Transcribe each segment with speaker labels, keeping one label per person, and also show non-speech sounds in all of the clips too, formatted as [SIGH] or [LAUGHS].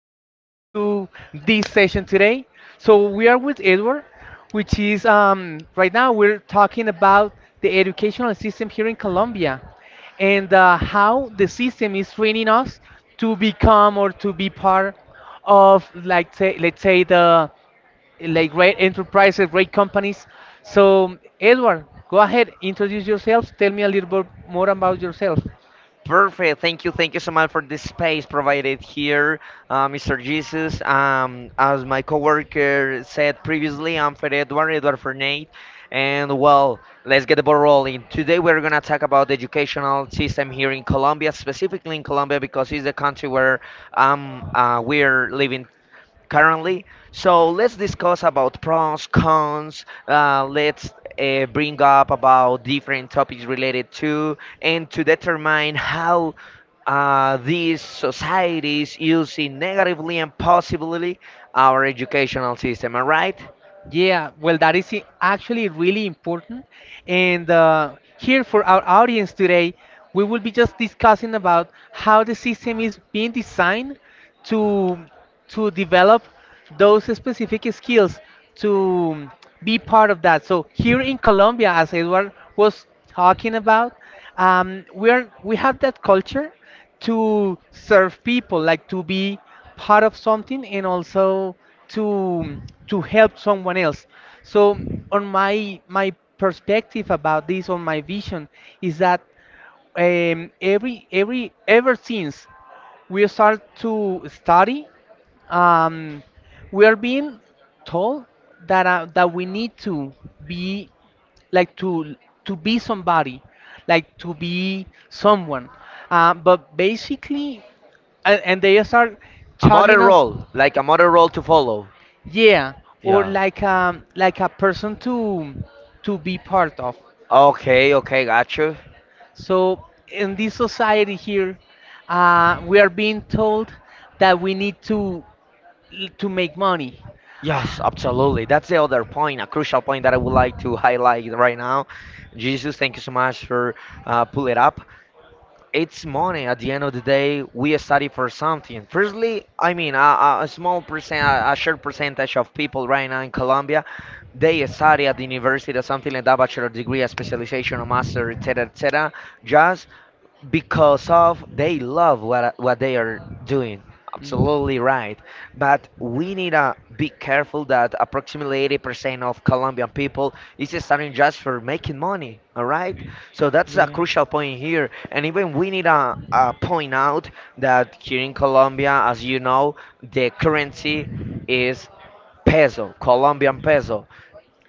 Speaker 1: coming right up to this session today. So we are with Edward, which is right now we're talking about the educational system here in Colombia and how the system is training us to become or to be part of like say, let's say the like great enterprises, great companies. So Edward, go ahead, introduce yourself, tell me a little bit more about yourself.
Speaker 2: Perfect. Thank you. Thank you so much for this space provided here, Mr. Jesus. As my coworker said previously, I'm Fred Edward, Edward Fernate. And well, let's get the ball rolling. Today we're going to talk about the educational system here in Colombia, specifically in Colombia because it's the country where we're living currently. So let's discuss about pros, cons. Let's bring up about different topics related to and to determine how these societies using negatively and possibly our educational system. All right.
Speaker 1: Yeah, well, that is actually really important. And here for our audience today, we will be just discussing about how the system is being designed to to develop those specific skills to be part of that. So here in Colombia, as Edward was talking about, we are we have that culture to serve people, like to be part of something and also to to help someone else so on my perspective about this on my vision is that ever since we start to study um, we are being told that that we need to be like to be somebody like to be someone but basically and they start
Speaker 2: A model
Speaker 1: chugging us.
Speaker 2: role, like a model role to follow.
Speaker 1: Yeah, or
Speaker 2: Yeah.
Speaker 1: like a person to be part of.
Speaker 2: Okay. Okay. Got you.
Speaker 1: So in this society here, we are being told that we need to make money.
Speaker 2: Yes, absolutely. That's the other point, a crucial point that I would like to highlight right now. Jesus, thank you so much for pull it up. It's money. At the end of the day, we study for something. Firstly, I mean, a small percent, a short percentage of people right now in Colombia, they study at the university or something like that, bachelor degree, a specialization, a master, etc., etc., just because of they love what they are doing.
Speaker 1: Mm.
Speaker 2: Absolutely right. But we need to be careful that approximately 80% of Colombian people is starting just for making money. All right. So that's a
Speaker 1: Yeah.
Speaker 2: crucial point here. And even we need to point out that here in Colombia, as you know, the currency is peso. Colombian peso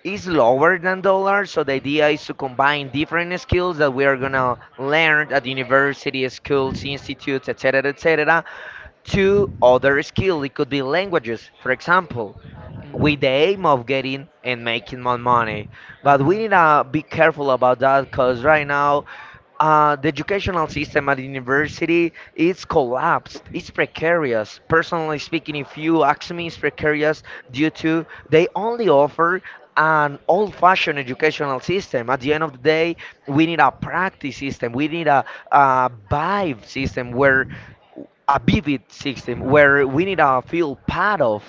Speaker 2: is lower than dollar, so the idea is to combine different skills that we are gonna learn at university, schools, institutes, etc., etc., to other skill. It could be languages, for example, with the aim of getting and making more money.
Speaker 1: Mm.
Speaker 2: But we need
Speaker 1: Uh-huh.
Speaker 2: to be careful about that because right
Speaker 1: Right now,
Speaker 2: now, the
Speaker 1: the
Speaker 2: educational
Speaker 1: educational
Speaker 2: system
Speaker 1: system
Speaker 2: at
Speaker 1: at university
Speaker 2: university is
Speaker 1: is
Speaker 2: collapsed.
Speaker 1: collapsed.
Speaker 2: It's
Speaker 1: It's precarious.
Speaker 2: precarious. Personally
Speaker 1: Personally
Speaker 2: speaking,
Speaker 1: speaking,
Speaker 2: if
Speaker 1: few
Speaker 2: you ask me,
Speaker 1: actually
Speaker 2: it's
Speaker 1: is precarious
Speaker 2: precarious
Speaker 1: due
Speaker 2: due
Speaker 1: to
Speaker 2: to
Speaker 1: they
Speaker 2: they
Speaker 1: only
Speaker 2: only
Speaker 1: offer
Speaker 2: offer an old-fashioned
Speaker 1: one-fashioned educational
Speaker 2: educational
Speaker 1: system.
Speaker 2: system. At
Speaker 1: At
Speaker 2: the
Speaker 1: the
Speaker 2: end
Speaker 1: end
Speaker 2: of
Speaker 1: of
Speaker 2: the
Speaker 1: the
Speaker 2: day,
Speaker 1: day,
Speaker 2: we
Speaker 1: we need
Speaker 2: need a
Speaker 1: a
Speaker 2: practice
Speaker 1: practice system.
Speaker 2: system.
Speaker 1: We
Speaker 2: We need
Speaker 1: need a
Speaker 2: a vibe system
Speaker 1: live
Speaker 2: where a vivid system where
Speaker 1: real
Speaker 2: we need
Speaker 1: power.
Speaker 2: to feel part of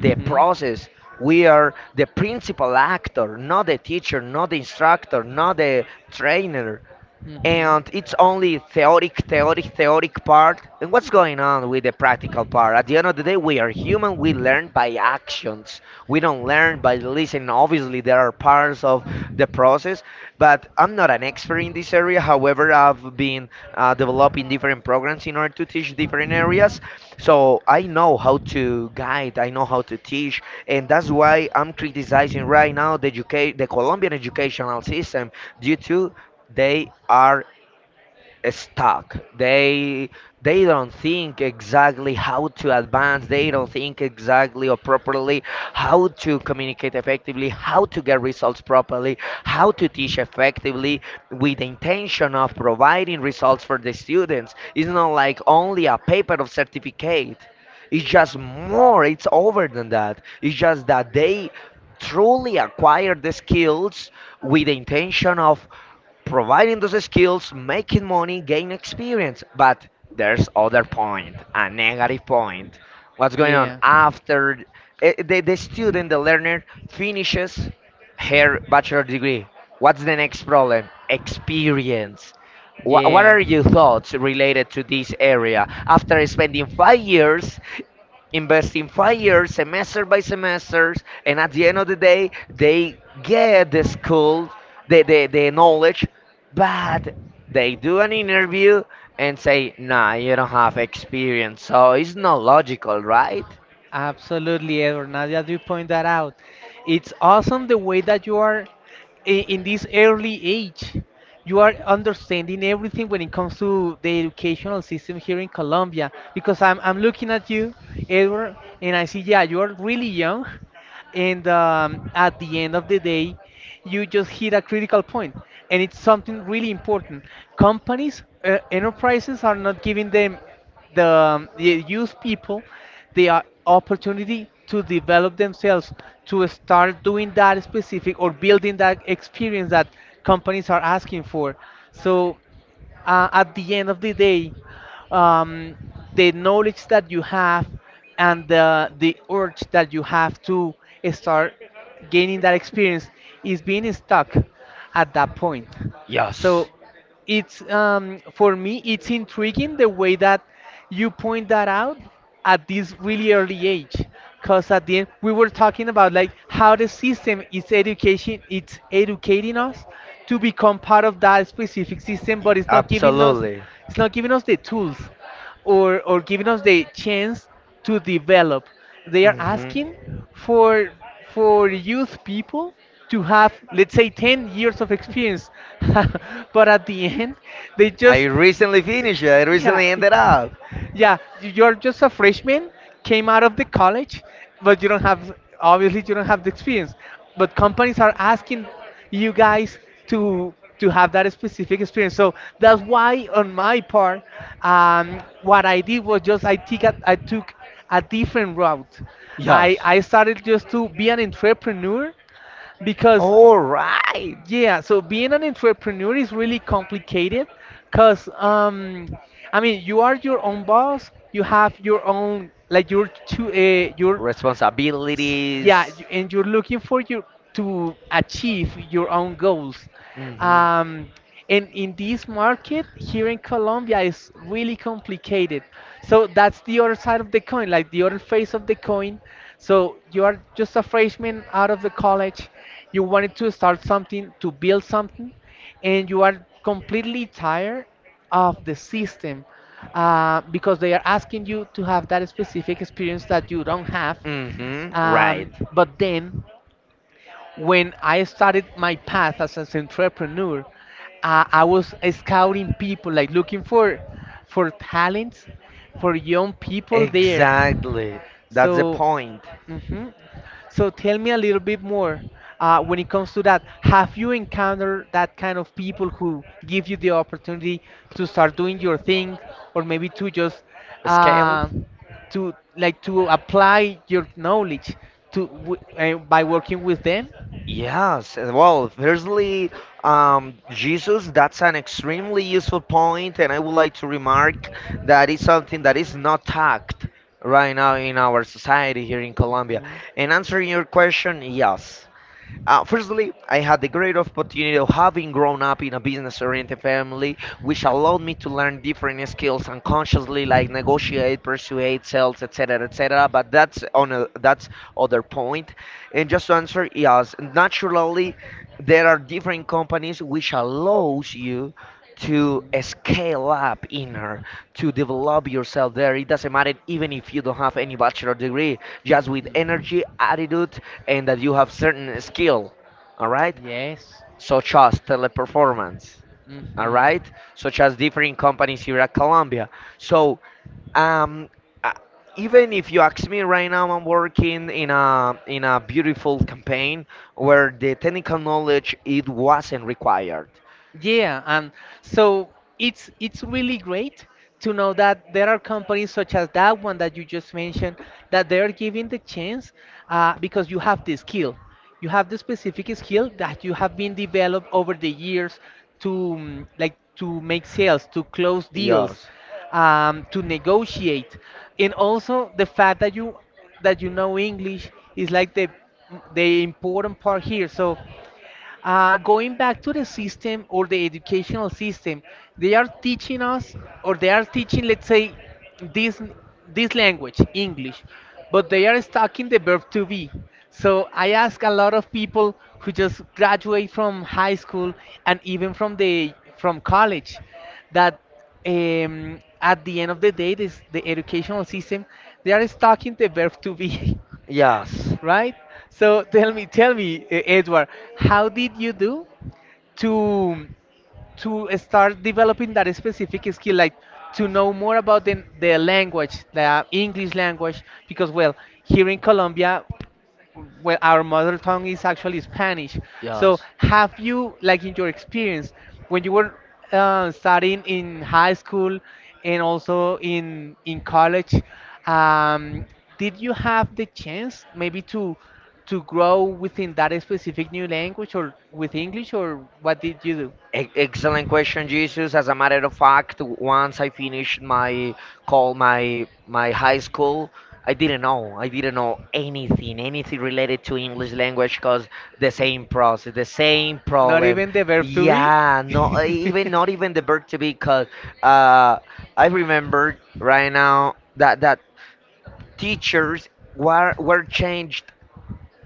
Speaker 2: the process. We are the principal actor, not the teacher, not the instructor, not the trainer, and it's only theoretic part. And what's going on with the practical part? At the end of the day, we are human. We learn by actions. We don't learn by listening. Obviously, there are parts of the process, but I'm not an expert in this area.
Speaker 1: So
Speaker 2: However, I've
Speaker 1: I
Speaker 2: been developing different programs in order to teach different areas,
Speaker 1: know
Speaker 2: so
Speaker 1: how to
Speaker 2: I know how
Speaker 1: guide,
Speaker 2: to guide.
Speaker 1: I
Speaker 2: I
Speaker 1: know
Speaker 2: know
Speaker 1: how
Speaker 2: how to
Speaker 1: to teach,
Speaker 2: teach,
Speaker 1: and
Speaker 2: and that's
Speaker 1: that's why
Speaker 2: why
Speaker 1: I'm
Speaker 2: I'm criticizing
Speaker 1: criticizing
Speaker 2: right
Speaker 1: right
Speaker 2: now
Speaker 1: now the
Speaker 2: the Colombian
Speaker 1: Colombian educational
Speaker 2: educational
Speaker 1: system.
Speaker 2: system due to they are stuck. They don't think exactly how to advance. They don't think exactly or properly how to communicate effectively, how to get results properly, how to teach effectively with the intention of providing results for the students. It's not like only a paper of certificate. It's just more. It's over than that. It's just that they truly acquire the skills with the intention of providing those skills, making money, gain experience. But there's other point, a negative point. What's going on after the learner finishes her bachelor degree? What's the next problem? Experience. What are your thoughts related to this area after spending 5 years, invest in 5 years, semester by semester, and at the end of the day, they get the school, the knowledge, but they do an interview and say, nah, you don't have experience. So it's not logical, right?
Speaker 1: Absolutely, Edward. Now that you point that out, it's awesome the way that you are in this early age. You are understanding everything when it comes to the educational system here in Colombia. Because I'm looking at you, Edward, and I see, yeah, you are really young. And at the end of the day, you just hit a critical point, and it's something really important. Companies, enterprises are not giving them the youth people the opportunity to develop themselves to start doing that specific or building that experience that companies are asking for so at the end of the day, um, the knowledge that you have and the urge that you have to start gaining that experience is being stuck at that point. So
Speaker 2: Yes,
Speaker 1: it's for me, it's intriguing the way that you point that out at this really early age because at the end we were talking about like how the system is education it's educating us to become part of that specific system but it's not giving us
Speaker 2: absolutely.
Speaker 1: it's not giving us the tools or giving us the chance to develop they are asking
Speaker 2: hmm
Speaker 1: for for youth people to have let's say 10 years of experience [LAUGHS] but at the end they
Speaker 2: I
Speaker 1: just
Speaker 2: recently finished it, I
Speaker 1: yeah,
Speaker 2: recently ended up.
Speaker 1: [LAUGHS] yeah. You're just a freshman, came out of the college, but you don't have obviously you don't have the experience. But companies are asking you guys to have that specific experience. So that's why on my part, what I did was just I took a different route. I
Speaker 2: Yes.
Speaker 1: I started just to be an entrepreneur because
Speaker 2: All right.
Speaker 1: yeah, so being an entrepreneur is really complicated because, I mean, you are your own boss, you have your own, like, your two, your, yeah
Speaker 2: Responsibilities.
Speaker 1: and you're looking for your to achieve your own goals
Speaker 2: Hmm.
Speaker 1: um, and in this market here in colombia is really complicated so that's the other side of the coin like the other face of the coin so you are just a freshman out of the college you wanted to start something to build something and you are completely tired of the system because they are asking you to have that specific experience that you don't have
Speaker 2: Hmm. Right.
Speaker 1: but then, when I started my path as an entrepreneur, I was scouting people, like looking for talents for young people there.
Speaker 2: Exactly. That's the
Speaker 1: So,
Speaker 2: point.
Speaker 1: mhm. So tell me a little bit more when it comes to that. Have you encountered that kind of people who give you the opportunity to start doing your thing, or maybe to just
Speaker 2: Scale?
Speaker 1: uh, to like to apply your knowledge to w by working with them?
Speaker 2: Yes, well, firstly, Jesus, that's an extremely useful point, and I would like to remark that it's something that is not tacked right now in our society here in Colombia. And answering your question, yes. Firstly, I had the great opportunity
Speaker 1: Mhm.
Speaker 2: of having grown up in a business-oriented family, which allowed me to learn different skills unconsciously, like negotiate, persuade, sales, etc., etc. But that's that's other point. And just to answer, yes, naturally there are different companies which allows you to scale up inner to develop yourself there. It doesn't matter even if you don't have any bachelor degree, just with energy, attitude, and that you have certain skill. All right,
Speaker 1: Yes.
Speaker 2: such as teleperformance. All right, such as different companies here at Colombia. So, um, uh, even if you ask me right now, I'm working in a beautiful campaign where the technical knowledge it wasn't required.
Speaker 1: Yeah, and so it's really great to know that there are companies such as that one that you just mentioned that they're giving the chance because you have the skill. You have the specific skill that you have been developed over the years to like to make sales, to close deals,
Speaker 2: Yes.
Speaker 1: to negotiate, and also the fact that you know English is like the important part here. So going back to the system or the educational system, they are teaching us, or they are teaching, let's say, this this language, English, but they are stuck in the verb to be. So I ask a lot of people who just graduate from high school and even from the from college that at the end of the day, this the educational system they are stuck in the verb to be. [LAUGHS]
Speaker 2: Yes.
Speaker 1: Right? So tell me, Edward, how did you do to to start developing that specific skill, like to know more about the language, the English language? Because well, here in Colombia, well, our mother tongue is actually Spanish. So, have you, like in your experience, when you were studying in high school and also in college, um, did you have the chance maybe to grow within that specific new language or with English, or what did you do?
Speaker 2: Excellent question, Jesus. As a matter of fact, once I finished my call, my high school, I didn't know. I didn't know anything, related to English language, cause the same process, the same problem.
Speaker 1: Even the verb to
Speaker 2: Yeah, no, even not
Speaker 1: [LAUGHS]
Speaker 2: even the verb to be, cause uh, I remember right now that teachers were changed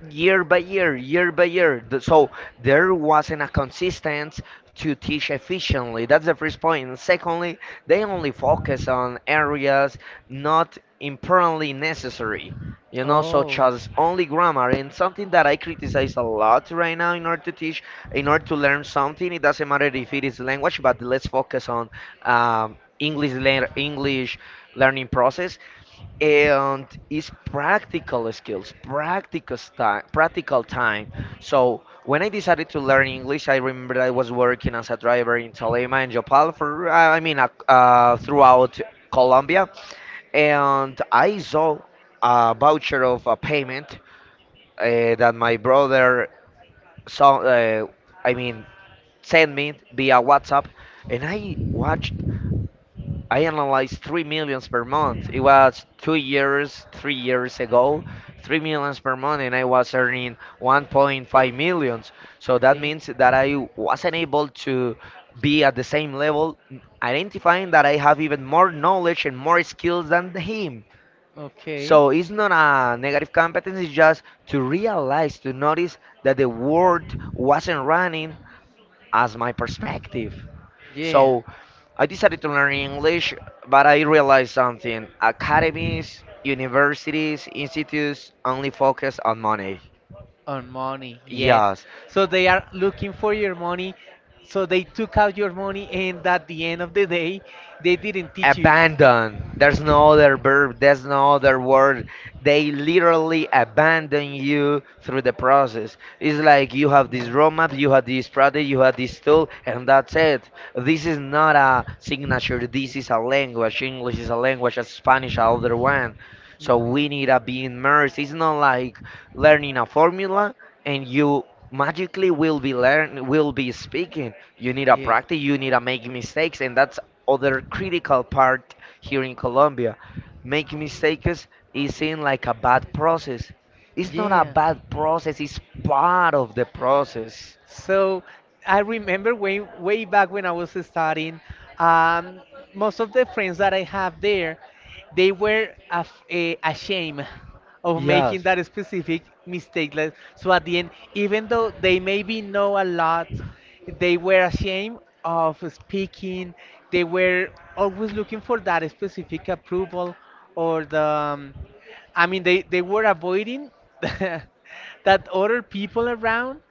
Speaker 2: year by year, year by year. So there wasn't a consistent to teach efficiently. That's the first point. And secondly, they only focus on areas not importantly necessary, such
Speaker 1: Oh.
Speaker 2: as only grammar. And something that I criticize a lot right now in order to teach, in order to learn something, it doesn't matter if it is language, but let's focus on English learning process, and it's practical skills, practical time, practical time. So when I decided to learn English, I remember I was working as a driver in Tolima and Jopal for, I mean, throughout Colombia, and I saw a voucher of a payment, that my brother saw I mean sent me via WhatsApp, and I analyzed 3 millions per month. It was 2 years, 3 years ago, 3 millions per month, and I was earning 1.5 millions. So that
Speaker 1: They
Speaker 2: means that I wasn't able to be at the same level, identifying that I have even more knowledge and more skills than him.
Speaker 1: okay.
Speaker 2: So it's not a negative competence, it's just to realize, to notice that the world wasn't running as my perspective.
Speaker 1: Yeah.
Speaker 2: So I decided to learn English, but I realized something. Academies, universities, institutes only focus on money.
Speaker 1: On money, yes.
Speaker 2: Yes,
Speaker 1: So they are looking for your money. So they took out your money, and at the end of the day, they didn't teach you.
Speaker 2: abandon.
Speaker 1: Like-
Speaker 2: There's no other verb, there's no other word. They literally abandon you through the process. It's like you have this roadmap, you have this product, you have this tool, and that's it. This is not a signature, this is a language. English is a language, as Spanish, another one. So we need to be immersed. It's not like learning a formula and you magically will be speaking. You need a
Speaker 1: Yeah.
Speaker 2: practice. You need to make mistakes, and that's other
Speaker 1: Mhm.
Speaker 2: critical part here in
Speaker 1: Yeah.
Speaker 2: Colombia. Making mistakes is seen like a bad process. It's not a
Speaker 1: Yeah.
Speaker 2: bad process, it's part of the process.
Speaker 1: So I remember way back when I was studying, um, most of the friends that I have there, they were ashamed of making
Speaker 2: Yes.
Speaker 1: that specific mistake. Like, so at the end, even though they maybe know a lot, they were ashamed of speaking. They were always looking for that specific approval or the I mean, they were avoiding [LAUGHS] that other people around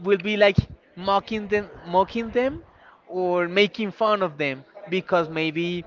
Speaker 1: will be like mocking them, or making fun of them because maybe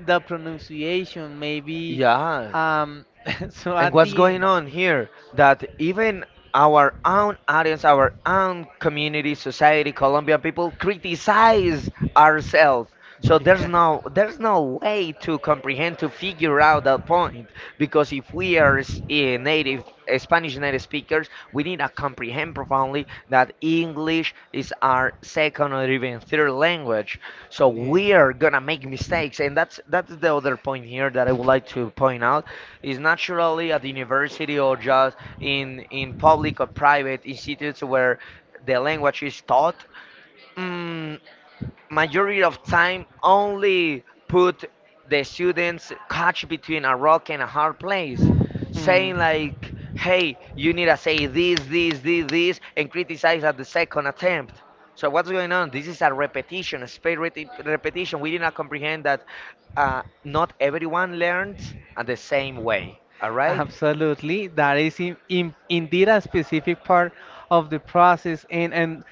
Speaker 1: the pronunciation, maybe.
Speaker 2: Yeah.
Speaker 1: Um, [LAUGHS] so
Speaker 2: And
Speaker 1: at
Speaker 2: what's
Speaker 1: the
Speaker 2: going on here? That even our own audience, our own community, society, Colombian people criticize ourselves.
Speaker 1: [LAUGHS]
Speaker 2: So there's
Speaker 1: yeah.
Speaker 2: no there's no way to comprehend to figure out that point, because if we are s- a native Spanish native speakers, we need to comprehend profoundly that English is our second or even third language. So we are gonna make mistakes, and that's the other point here that I would like to point out is naturally at the university or just in public or private institutes where the language is taught. Mm, Majority of time only put the students caught between a rock and a hard place, saying like, hey, you need to say this, this, this, this and criticize at the second attempt. So what's going on? This is a repetition, a spade repetition. We did not comprehend that, not everyone learns at the same way. All right.
Speaker 1: Absolutely, that is indeed a specific part of the process. And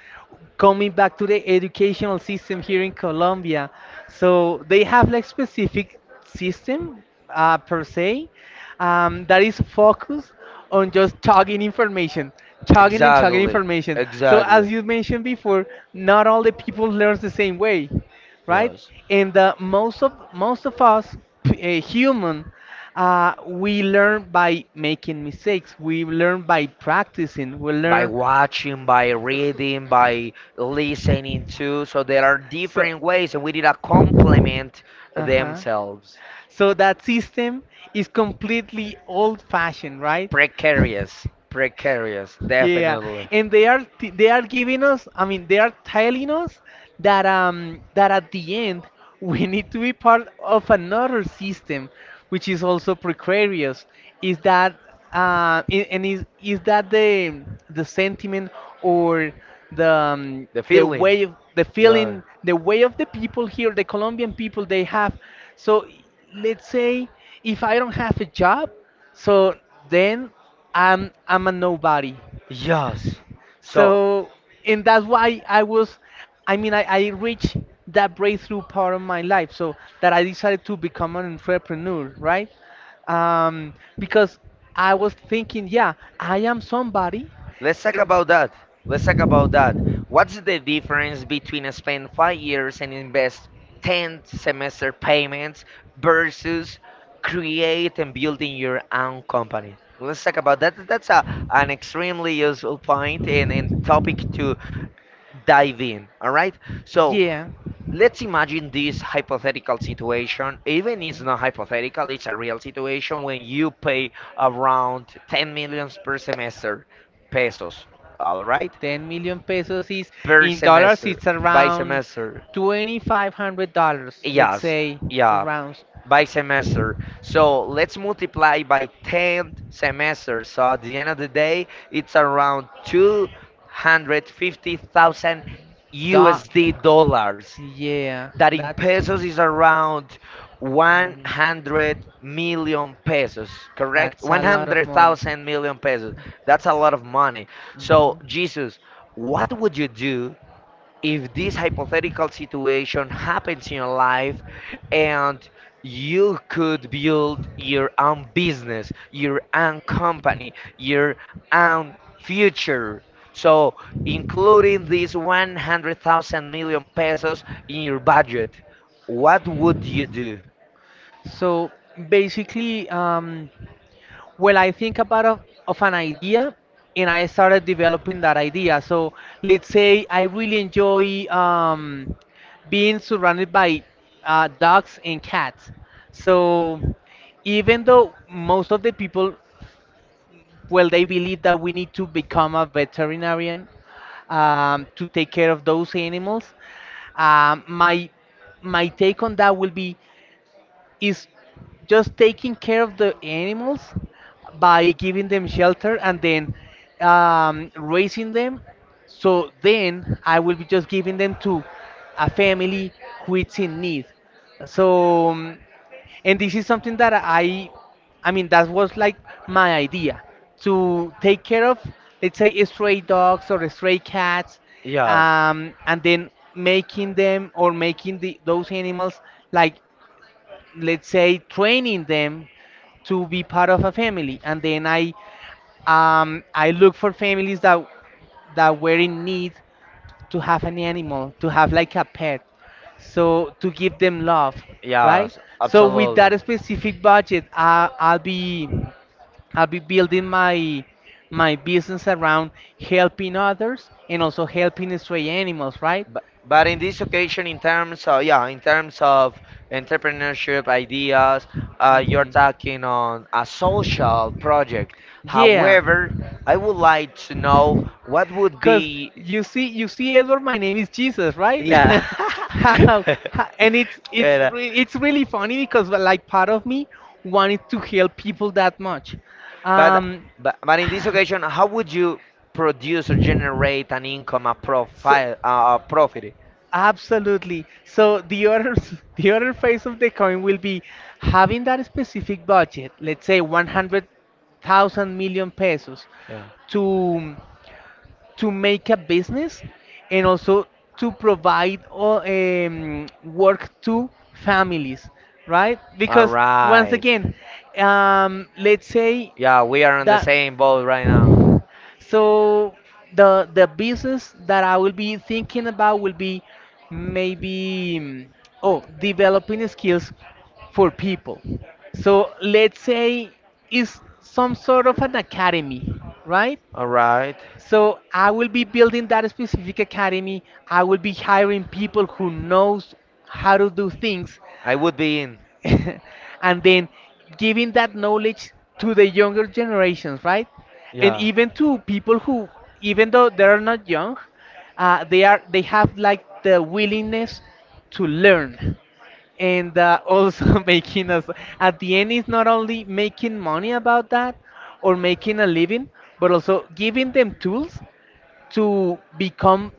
Speaker 1: coming back to the educational system here in Colombia, so they have like specific system per se that is focused on just chugging information, chugging and chugging
Speaker 2: Exactly.
Speaker 1: information. So as
Speaker 2: Exactly.
Speaker 1: you mentioned before, not all the people learn the same way, right?
Speaker 2: Yes.
Speaker 1: And most of us, human. We learn by making mistakes. We learn by practicing. We
Speaker 2: By
Speaker 1: learn.
Speaker 2: watching, by reading, by listening to. So there are
Speaker 1: So.
Speaker 2: different ways, and we did a complement
Speaker 1: Uh huh.
Speaker 2: themselves.
Speaker 1: So that system is completely old fashioned, right? [LAUGHS]
Speaker 2: Precarious. Precarious.
Speaker 1: Yeah,
Speaker 2: Definitely.
Speaker 1: and they are giving us, I mean, they are telling us that that at the end [LAUGHS] we need to be part of another system, which is also precarious. Is that and is that the sentiment or
Speaker 2: The
Speaker 1: the
Speaker 2: feeling.
Speaker 1: way the
Speaker 2: Yeah.
Speaker 1: feeling the way of the people here, the Colombian people they have. So let's say if I don't have a job, so then I'm a nobody.
Speaker 2: Yes. So,
Speaker 1: So and that's why I was I mean I reached that breakthrough part of my life so that I decided to become an entrepreneur, right? Because I was thinking, yeah, I am somebody.
Speaker 2: let's talk
Speaker 1: Er-
Speaker 2: about that. Let's talk about that. What's the difference between spend 5 years and invest 10 semester payments versus create and building your own company? Let's talk about that. That's an extremely useful point and topic to dive in. All right. So let's imagine this hypothetical situation. Even it's not hypothetical, it's a real situation. When you pay around 10 millions per semester pesos, all right,
Speaker 1: 10 million pesos is
Speaker 2: per semester.
Speaker 1: it's
Speaker 2: By semester.
Speaker 1: semester. $2500
Speaker 2: Yes.
Speaker 1: say
Speaker 2: Yeah.
Speaker 1: around
Speaker 2: By semester. So let's multiply by 10 semesters, so at the end of the day, it's around 250,000 USD dollars,
Speaker 1: yeah.
Speaker 2: that in pesos is around 100 million pesos, correct? 100,000 million pesos. That's a lot of money. So, Jesus, what would you do if this hypothetical situation happens in your life and you could build your own business, your own company, your own future. So, including these 100,000 million pesos in your budget, what would you do?
Speaker 1: So basically, well, I think of an idea, and I started developing that idea. So let's say I really enjoy being surrounded by dogs and cats. So even though most of the people well, they believe that we need to become a veterinarian to take care of those animals. My my take on that will be is just taking care of the animals by giving them shelter and then raising them. So then I will be just giving them to a family who is in need. So, and this is something that that was like my idea to take care of, let's say, stray dogs or stray cats,
Speaker 2: Yes.
Speaker 1: and then making them or making the, those animals, like, let's say training them to be part of a family. And then I look for families that were in need to have an animal, to have like a pet, so to give them love, right?
Speaker 2: Yes,
Speaker 1: So with
Speaker 2: absolutely.
Speaker 1: that specific budget, I'll be building my business around helping others and also helping stray animals, right?
Speaker 2: But in this occasion, in terms of entrepreneurship ideas, you're talking on a social
Speaker 1: Mhm.
Speaker 2: project.
Speaker 1: Yeah.
Speaker 2: However, I would like to know what would
Speaker 1: Cause
Speaker 2: be.
Speaker 1: you see, Edward, my name is Jesus, right?
Speaker 2: Yeah.
Speaker 1: [LAUGHS] How,
Speaker 2: [LAUGHS]
Speaker 1: and
Speaker 2: Yeah.
Speaker 1: it's really funny because, like, part of me wanted to help people that much.
Speaker 2: But,
Speaker 1: Um,
Speaker 2: but in this occasion, how would you produce or generate an income, a
Speaker 1: [LAUGHS] so,
Speaker 2: profile, a profit?
Speaker 1: absolutely. So the other [LAUGHS] the other phase of the coin will be having that specific budget, let's say 100,000 million pesos
Speaker 2: Yeah.
Speaker 1: to make a business, and also to provide work to families, right?
Speaker 2: All
Speaker 1: Because once
Speaker 2: right.
Speaker 1: again, let's say
Speaker 2: Yeah, we are on the
Speaker 1: that,
Speaker 2: same boat right now.
Speaker 1: so the business that I will be thinking about will be maybe oh developing skills for people. So let's say it's some sort of an academy, right?
Speaker 2: All right.
Speaker 1: So I will be building that specific academy. I will be hiring people who knows how to do things,
Speaker 2: I would be in.
Speaker 1: [LAUGHS] and then giving that knowledge to the younger generations, right? And
Speaker 2: Yeah.
Speaker 1: even to people who, even though they are not young, they have, like, the willingness to learn, and also [LAUGHS] making us, at the end, is not only making money about that or making a living, but also giving them tools to become,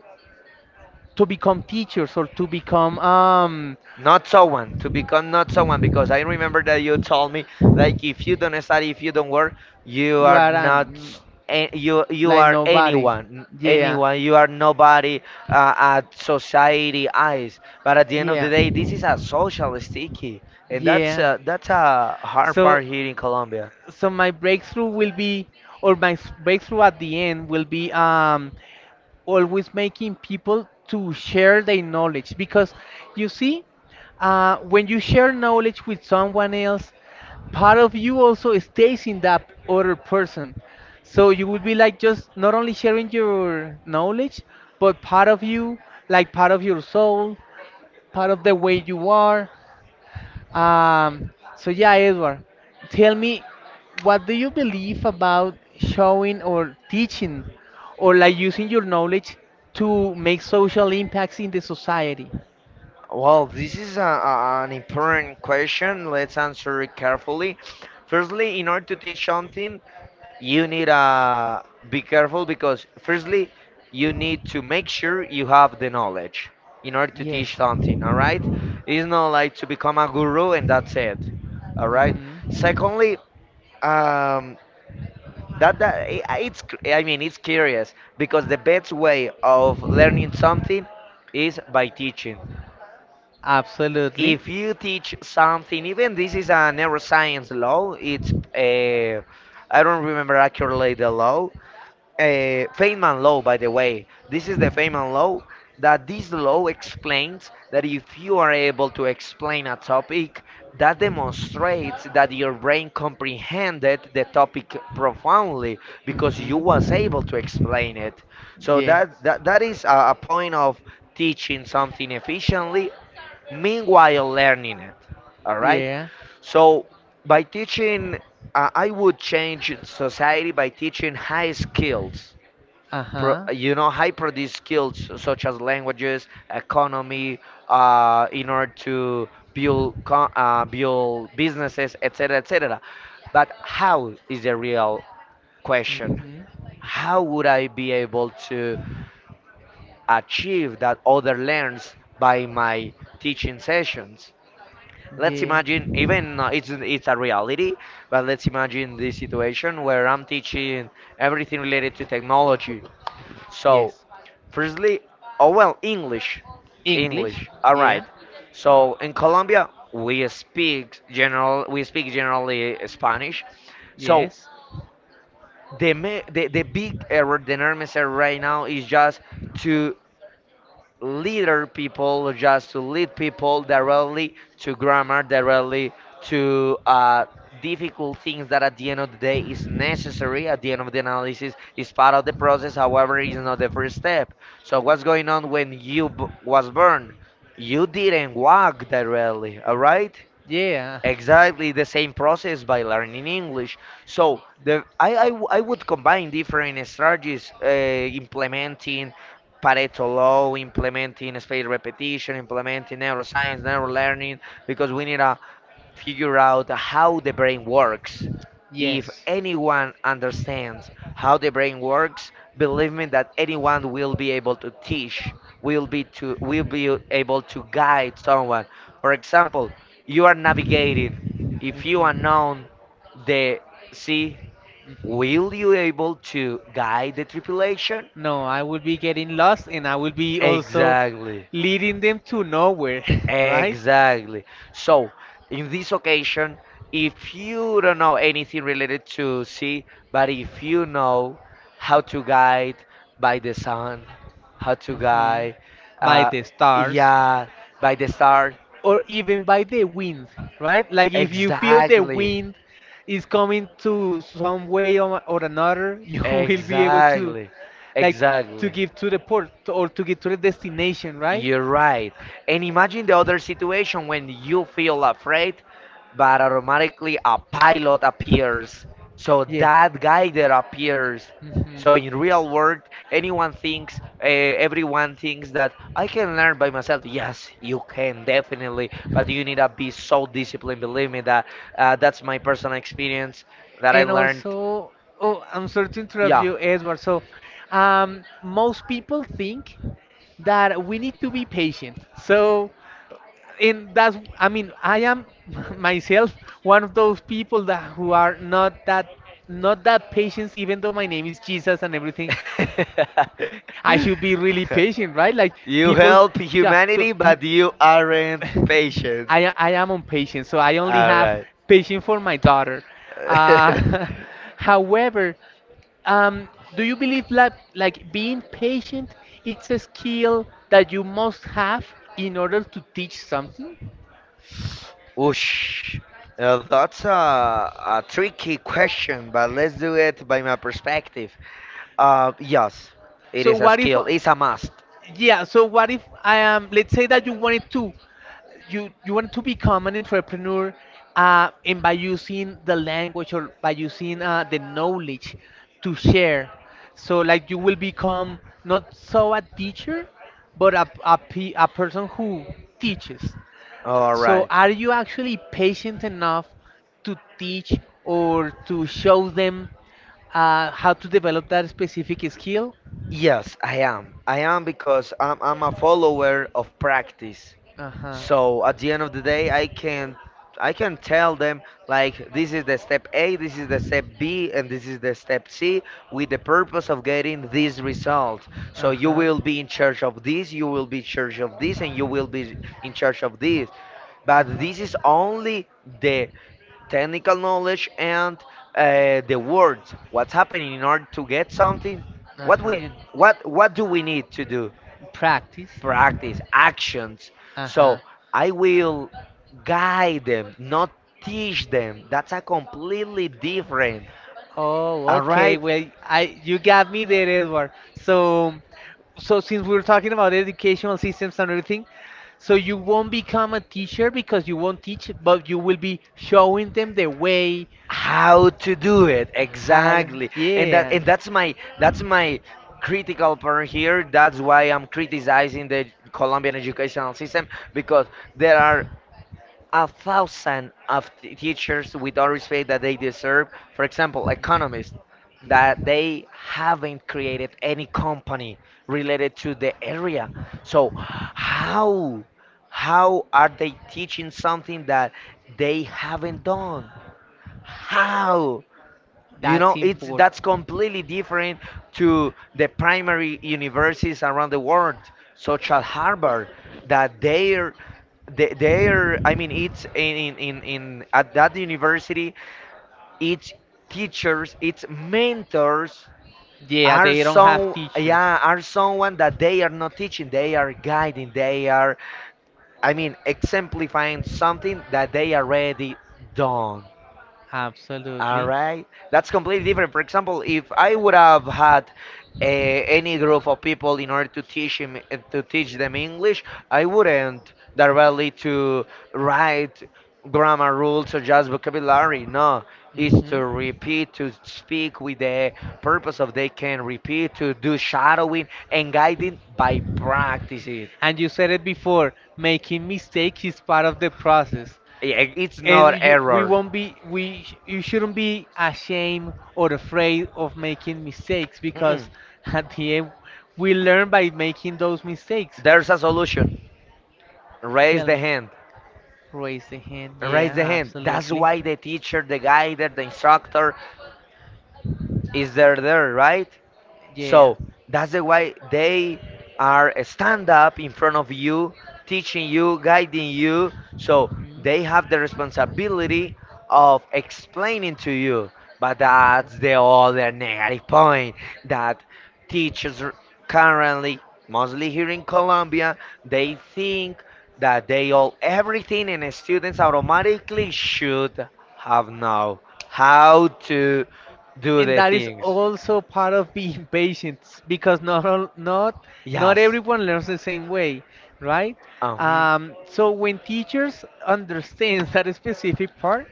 Speaker 1: teachers, or to become,
Speaker 2: Not someone, to become not someone, because I remember that you told me, like, if you don't study, if you don't work, you
Speaker 1: you
Speaker 2: are
Speaker 1: are,
Speaker 2: not,
Speaker 1: an,
Speaker 2: you
Speaker 1: like,
Speaker 2: are
Speaker 1: nobody.
Speaker 2: anyone,
Speaker 1: Yeah,
Speaker 2: anyone, you are nobody, at society eyes. But at the end of the
Speaker 1: yeah,
Speaker 2: day, this is a social sticky, and that's
Speaker 1: yeah.
Speaker 2: uh, that's a hard
Speaker 1: So,
Speaker 2: part here in Colombia.
Speaker 1: so my breakthrough will be, or breakthrough at the end will be, um, always making people to share their knowledge, because, you see, when you share knowledge with someone else, part of you also stays in that other person. So you would be, like, just not only sharing your knowledge, but part of you, like part of your soul, part of the way you are. Um, so yeah, Edward, tell me, what do you believe about showing or teaching, or like using your knowledge to make social impacts in the society?
Speaker 2: Well, this is an important question. Let's answer it carefully. Firstly, in order to teach something, you need be careful because firstly, you need to make sure you have the knowledge in order to teach
Speaker 1: Yes.
Speaker 2: something. All right, it's not like to become a guru and that's it. All right. Secondly, um, that that I- it's cr- I mean it's curious because the best way of learning something is by teaching.
Speaker 1: Hmm. Absolutely.
Speaker 2: If you teach something, even this is a neuroscience law, it's I don't remember accurately the law. Feynman law, by the way, this is the Feynman law. That this law explains that if you are able to explain a topic, that demonstrates that your brain comprehended the topic profoundly because you was able
Speaker 1: Mhm.
Speaker 2: to explain it. So
Speaker 1: Yeah.
Speaker 2: that is a point of teaching something efficiently meanwhile learning it. All right.
Speaker 1: Yeah.
Speaker 2: So by teaching, I would change society by teaching high skills,
Speaker 1: Uh
Speaker 2: pro,
Speaker 1: huh.
Speaker 2: you know high produced skills such as languages, economy, in order to build build businesses, etc, etc. But how is the real question?
Speaker 1: Mhm.
Speaker 2: How would I be able to achieve that other learns by my teaching sessions? Let's imagine,
Speaker 1: Yeah.
Speaker 2: even it's a reality, but let's imagine this situation where I'm teaching everything related to technology. So
Speaker 1: Yes.
Speaker 2: firstly, oh well, english
Speaker 1: English.
Speaker 2: english All right.
Speaker 1: Yeah.
Speaker 2: So in Colombia we speak generally Spanish. So
Speaker 1: Yes.
Speaker 2: the big error, the enormous error right now is just to to lead people directly to grammar, directly to difficult things that at the end of the day is necessary, at the end of the analysis is part of the process, however is not the first step. So what's going on when you was burned? You didn't walk directly, all right?
Speaker 1: Yeah.
Speaker 2: Exactly the same process by learning English. So the I, w- I would combine different strategies, implementing Pareto law, implementing space repetition, implementing neuroscience, neural learning, because we need figure out how the brain works. If
Speaker 1: Yes.
Speaker 2: anyone understands how the brain works, believe me that anyone will be able to teach, will be able to guide someone. For example, you are navigating. If you unknown the sea,
Speaker 1: Mhm. Mhm.
Speaker 2: will you able to guide the tripulation?
Speaker 1: No, I will be getting lost, and I will be also
Speaker 2: Exactly.
Speaker 1: leading them to nowhere, [LAUGHS] right?
Speaker 2: Exactly. So, in this occasion, if you don't know anything related to sea, but if you know how to guide by the sun, how to
Speaker 1: Mhm.
Speaker 2: guide,
Speaker 1: By
Speaker 2: uh,
Speaker 1: the stars.
Speaker 2: yeah, by the star,
Speaker 1: Or even by the wind, right? Like, if you feel the
Speaker 2: exactly,
Speaker 1: wind is coming to some way or another, [LAUGHS] you will be able to,
Speaker 2: exactly,
Speaker 1: like, to
Speaker 2: exactly.
Speaker 1: give to the port or to get to the destination, right?
Speaker 2: You're right. And imagine the other situation when you feel afraid, but automatically a pilot appears. So
Speaker 1: Yeah.
Speaker 2: that guy that appears.
Speaker 1: Mhm.
Speaker 2: So in real world, everyone thinks that I can learn by myself. Yes, you can definitely, but you need to be so disciplined. Believe me that's my personal experience that I
Speaker 1: And
Speaker 2: learned.
Speaker 1: also, oh, I'm sorry to interrupt you, Edward. So, most people think that we need to be patient. So, and that's, I mean, I am [LAUGHS] myself one of those people that who are not that, not that patient, even though my name is Jesus and everything. [LAUGHS] I should
Speaker 2: [LAUGHS]
Speaker 1: be really patient, right? Like
Speaker 2: You
Speaker 1: people,
Speaker 2: help
Speaker 1: yeah. So
Speaker 2: humanity,
Speaker 1: peop,
Speaker 2: but you aren't
Speaker 1: [LAUGHS]
Speaker 2: patient.
Speaker 1: i am on patience, so I only
Speaker 2: All
Speaker 1: have
Speaker 2: right.
Speaker 1: patience for my daughter. Uh,
Speaker 2: [LAUGHS]
Speaker 1: [LAUGHS] however, um, do you believe, like, being patient it's a skill that you must have in order to teach something?
Speaker 2: Whoosh. That's a tricky question, but let's do it by my perspective. Yes, it
Speaker 1: So
Speaker 2: is a
Speaker 1: what if,
Speaker 2: skill. It's a must.
Speaker 1: yeah, so what if I am, let's say that you wanted to, you wanted to become an entrepreneur, and by using the language, or by using the knowledge to share, so like you will become not so a teacher, but pe, a person who teaches.
Speaker 2: All
Speaker 1: So,
Speaker 2: right.
Speaker 1: are you actually patient enough to teach, or to show them how to develop that specific skill?
Speaker 2: Yes, I am. I am because I'm a follower of practice.
Speaker 1: Uh huh.
Speaker 2: So at the end of the day, I can tell them like this is the step A, this is the step B, and this is the step C with the purpose of getting this result. So you will be in charge of this, you will be in charge of this, and you will be in charge of this. But this is only the technical knowledge and the words. What's happening in order to get something? What do we need to do?
Speaker 1: Practice.
Speaker 2: Practice actions.
Speaker 1: So huh.
Speaker 2: So I will guide them, not teach them. That's a completely different.
Speaker 1: Oh,
Speaker 2: All
Speaker 1: okay.
Speaker 2: right?
Speaker 1: Well, I, you got me there, Edward. So, so since we are talking about educational systems and everything, so you won't become a teacher because you won't teach, but you will be showing them the way,
Speaker 2: How to do it
Speaker 1: how? Exactly.
Speaker 2: exactly, and that
Speaker 1: Yeah.
Speaker 2: and that's my that's my critical part here. That's why I'm criticizing the Colombian educational system because there are a thousand of teachers with all respect that they deserve. For example, economists that
Speaker 1: Mhm.
Speaker 2: they haven't created any company related to the area. So how how are they teaching something that they haven't done? How? You
Speaker 1: That's
Speaker 2: know, it's that's
Speaker 1: important.
Speaker 2: completely different to the primary universities around the world, such as Harvard, that their I mean it's in at that university, its teachers, its mentors
Speaker 1: Yeah,
Speaker 2: are
Speaker 1: they don't have
Speaker 2: some
Speaker 1: teachers.
Speaker 2: yeah, are someone that they are not teaching, they are guiding, they are I mean exemplifying something that they already done. All
Speaker 1: Absolutely.
Speaker 2: right, that's completely different. For example, if I would have had any group of people in order to teach them English, I wouldn't directly to write grammar rules or just vocabulary. No,
Speaker 1: No,
Speaker 2: it's
Speaker 1: hmm,
Speaker 2: to repeat, to speak with the purpose of they can repeat, to do shadowing and guiding by practices.
Speaker 1: and you said it before, making mistake is part of the process.
Speaker 2: Yeah, it's not
Speaker 1: And you, we
Speaker 2: error.
Speaker 1: won't be, we, sh- you shouldn't be ashamed or afraid of making mistakes,
Speaker 2: Mm-mm.
Speaker 1: because [LAUGHS] at the end we learn by making those mistakes.
Speaker 2: There's a solution. Raise
Speaker 1: Tell
Speaker 2: the
Speaker 1: me,
Speaker 2: hand.
Speaker 1: raise the hand.
Speaker 2: Raise the
Speaker 1: Yeah,
Speaker 2: hand. That's
Speaker 1: absolutely.
Speaker 2: why the teacher, the guide, the instructor is there, there, right?
Speaker 1: Yeah.
Speaker 2: So that's the why they are stand up in front of you, teaching you, guiding you. So they have the responsibility of explaining to you. But that's the other negative point that teachers currently, mostly here in Colombia, they think that they all everything and students automatically should have know how to do
Speaker 1: And
Speaker 2: the
Speaker 1: that is
Speaker 2: things.
Speaker 1: also part of being [LAUGHS] patient, because not not
Speaker 2: Yes.
Speaker 1: everyone learns the same way, right?
Speaker 2: Uh-huh.
Speaker 1: Um, so when teachers understand [LAUGHS] that specific part,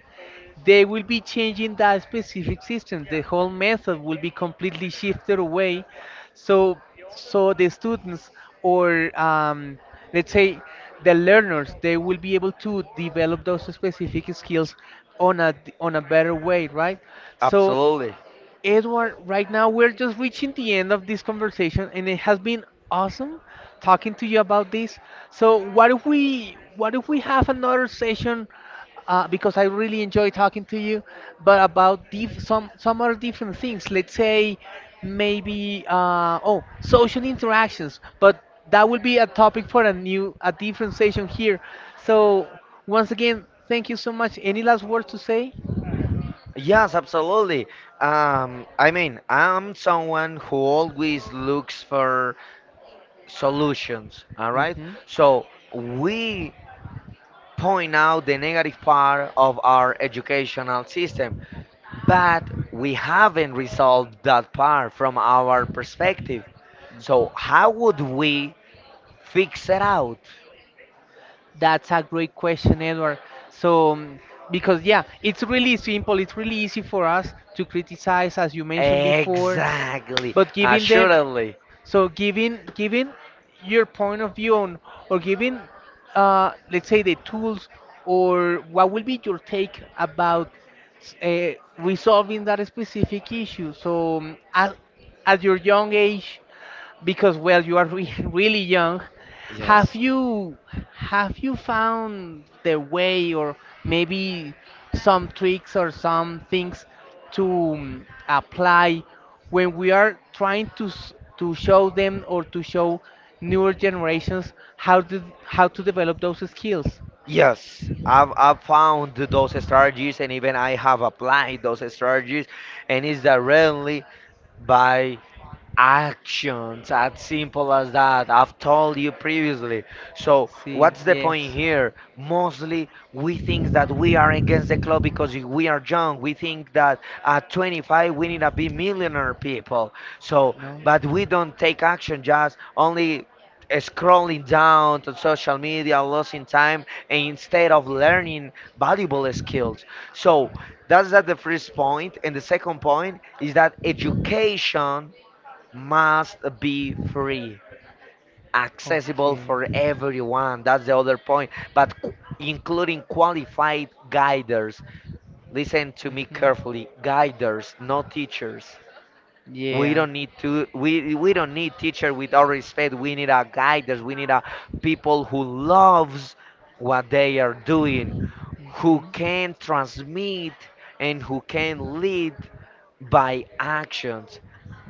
Speaker 1: they will be changing that specific system. The whole method will be completely shifted away. So, so the students, or let's say the learners, they will be able to develop those specific skills on a, better way, right? So
Speaker 2: Absolutely.
Speaker 1: Edward, right now we're just reaching the end of this conversation, and it has been awesome talking to you about this. So, what if we have another session? Because I really enjoy talking to you, but about some other different things. Let's say maybe social interactions, but that will be a topic for a new a different session here. So once again, thank you so much. Any last words to say?
Speaker 2: Yes, absolutely. I mean, I'm someone who always looks for solutions, all right?
Speaker 1: Hmm.
Speaker 2: So we point out the negative part of our educational system, but we haven't resolved that part from our perspective. So how would we fix it out?
Speaker 1: That's a great question, Edward. So, because yeah, it's really simple. It's really easy for us to criticize, as you mentioned before,
Speaker 2: Exactly,
Speaker 1: but giving them,
Speaker 2: assuredly.
Speaker 1: so giving your point of view on, or giving, let's say the tools, or what will be your take about uh, resolving that specific issue. So, at your young age, because, well, you are [LAUGHS] really young, have
Speaker 2: Yes.
Speaker 1: you have you found the way, or maybe some tricks or some things to, mm, apply when we are trying to to show them, or to show newer generations how to, develop those skills?
Speaker 2: Yes, I've found those strategies and even I have applied those strategies, and it's directly by actions, as simple as that. I've told you previously. So, what's the point here? Mostly, we think that we are against the club because we are young. We think that at 25 we need to be millionaire people. So, but we don't take action, just only scrolling down to social media, losing time, and instead of learning valuable skills. So that's that the first point. And the second point is that education must be free, accessible
Speaker 1: Okay.
Speaker 2: for everyone. That's the other point. But including qualified guiders. Listen to me
Speaker 1: Mhm.
Speaker 2: carefully. Guiders, not teachers. We
Speaker 1: Yeah.
Speaker 2: don't need to we we don't need teacher with all respect. We need a guiders. We need a people who loves what they are doing, who can transmit and who can lead by actions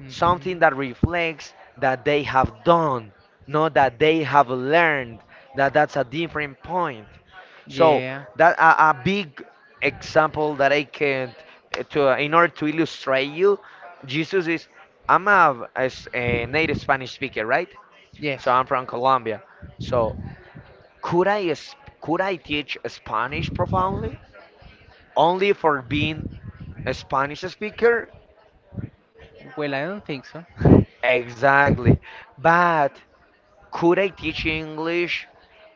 Speaker 2: something that reflects that they have done, not that they have learned. That's a different point. So
Speaker 1: Yeah.
Speaker 2: that a big example that I can to in order to illustrate you, Jesus is. I'm a native Spanish speaker, right?
Speaker 1: Yes.
Speaker 2: So I'm from Colombia. So could I teach Spanish profoundly only for being a Spanish speaker?
Speaker 1: Well, I don't think so. [LAUGHS]
Speaker 2: Exactly. But could I teach English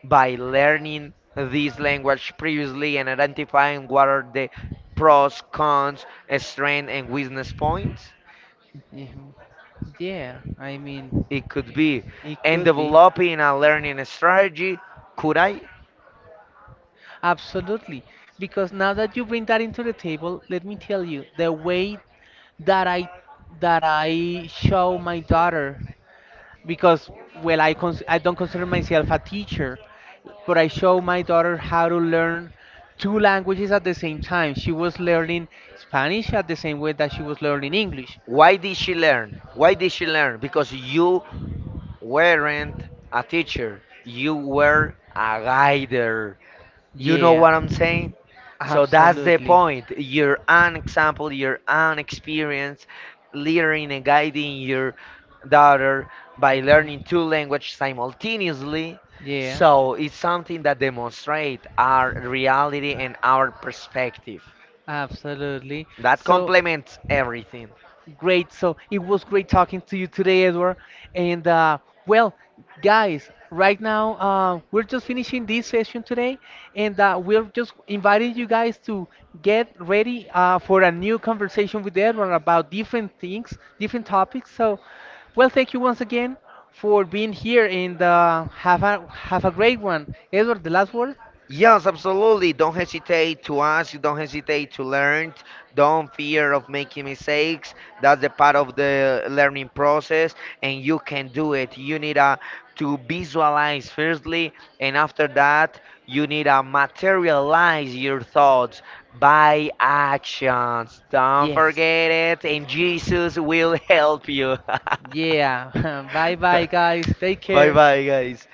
Speaker 2: by learning this language previously and identifying what are the pros, cons, strengths, and weakness points?
Speaker 1: Yeah, yeah, I mean,
Speaker 2: It could be.
Speaker 1: it
Speaker 2: And
Speaker 1: could be.
Speaker 2: developing a learning strategy, could I?
Speaker 1: Absolutely, because now that you bring that into the table, let me tell you the way that I, show my daughter, because, well, I don't consider myself a teacher, but I show my daughter how to learn two languages at the same time. She was learning Spanish at the same way that she was learning English.
Speaker 2: Why did she learn? Why did she learn? Because you weren't a teacher, you were a guider. You know
Speaker 1: Yeah,
Speaker 2: what I'm saying? So that's the
Speaker 1: absolutely.
Speaker 2: point. Your own example, your own experience, leading and guiding your daughter
Speaker 1: Mhm.
Speaker 2: by learning two languages simultaneously.
Speaker 1: Yeah.
Speaker 2: So it's something that demonstrates our reality and our perspective.
Speaker 1: Absolutely.
Speaker 2: That
Speaker 1: So,
Speaker 2: complements everything.
Speaker 1: great. So it was great talking to you today, Edward. And well, guys, right now we're just finishing this session today, and we're just inviting you guys to get ready for a new conversation with Edward about different things, different topics. So, well, thank you once again for being here, and have a great one, Edward. The last word.
Speaker 2: Yes, absolutely. Don't hesitate to ask. Don't hesitate to learn. Don't fear of making mistakes. That's the part of the learning process, and you can do it. You need to visualize firstly, and after that, you need to materialize your thoughts by actions. Don't
Speaker 1: Yes.
Speaker 2: forget it, and Jesus will help you.
Speaker 1: Yeah. [LAUGHS] Bye bye,
Speaker 2: [LAUGHS]
Speaker 1: guys. Take
Speaker 2: Bye
Speaker 1: care.
Speaker 2: bye, guys.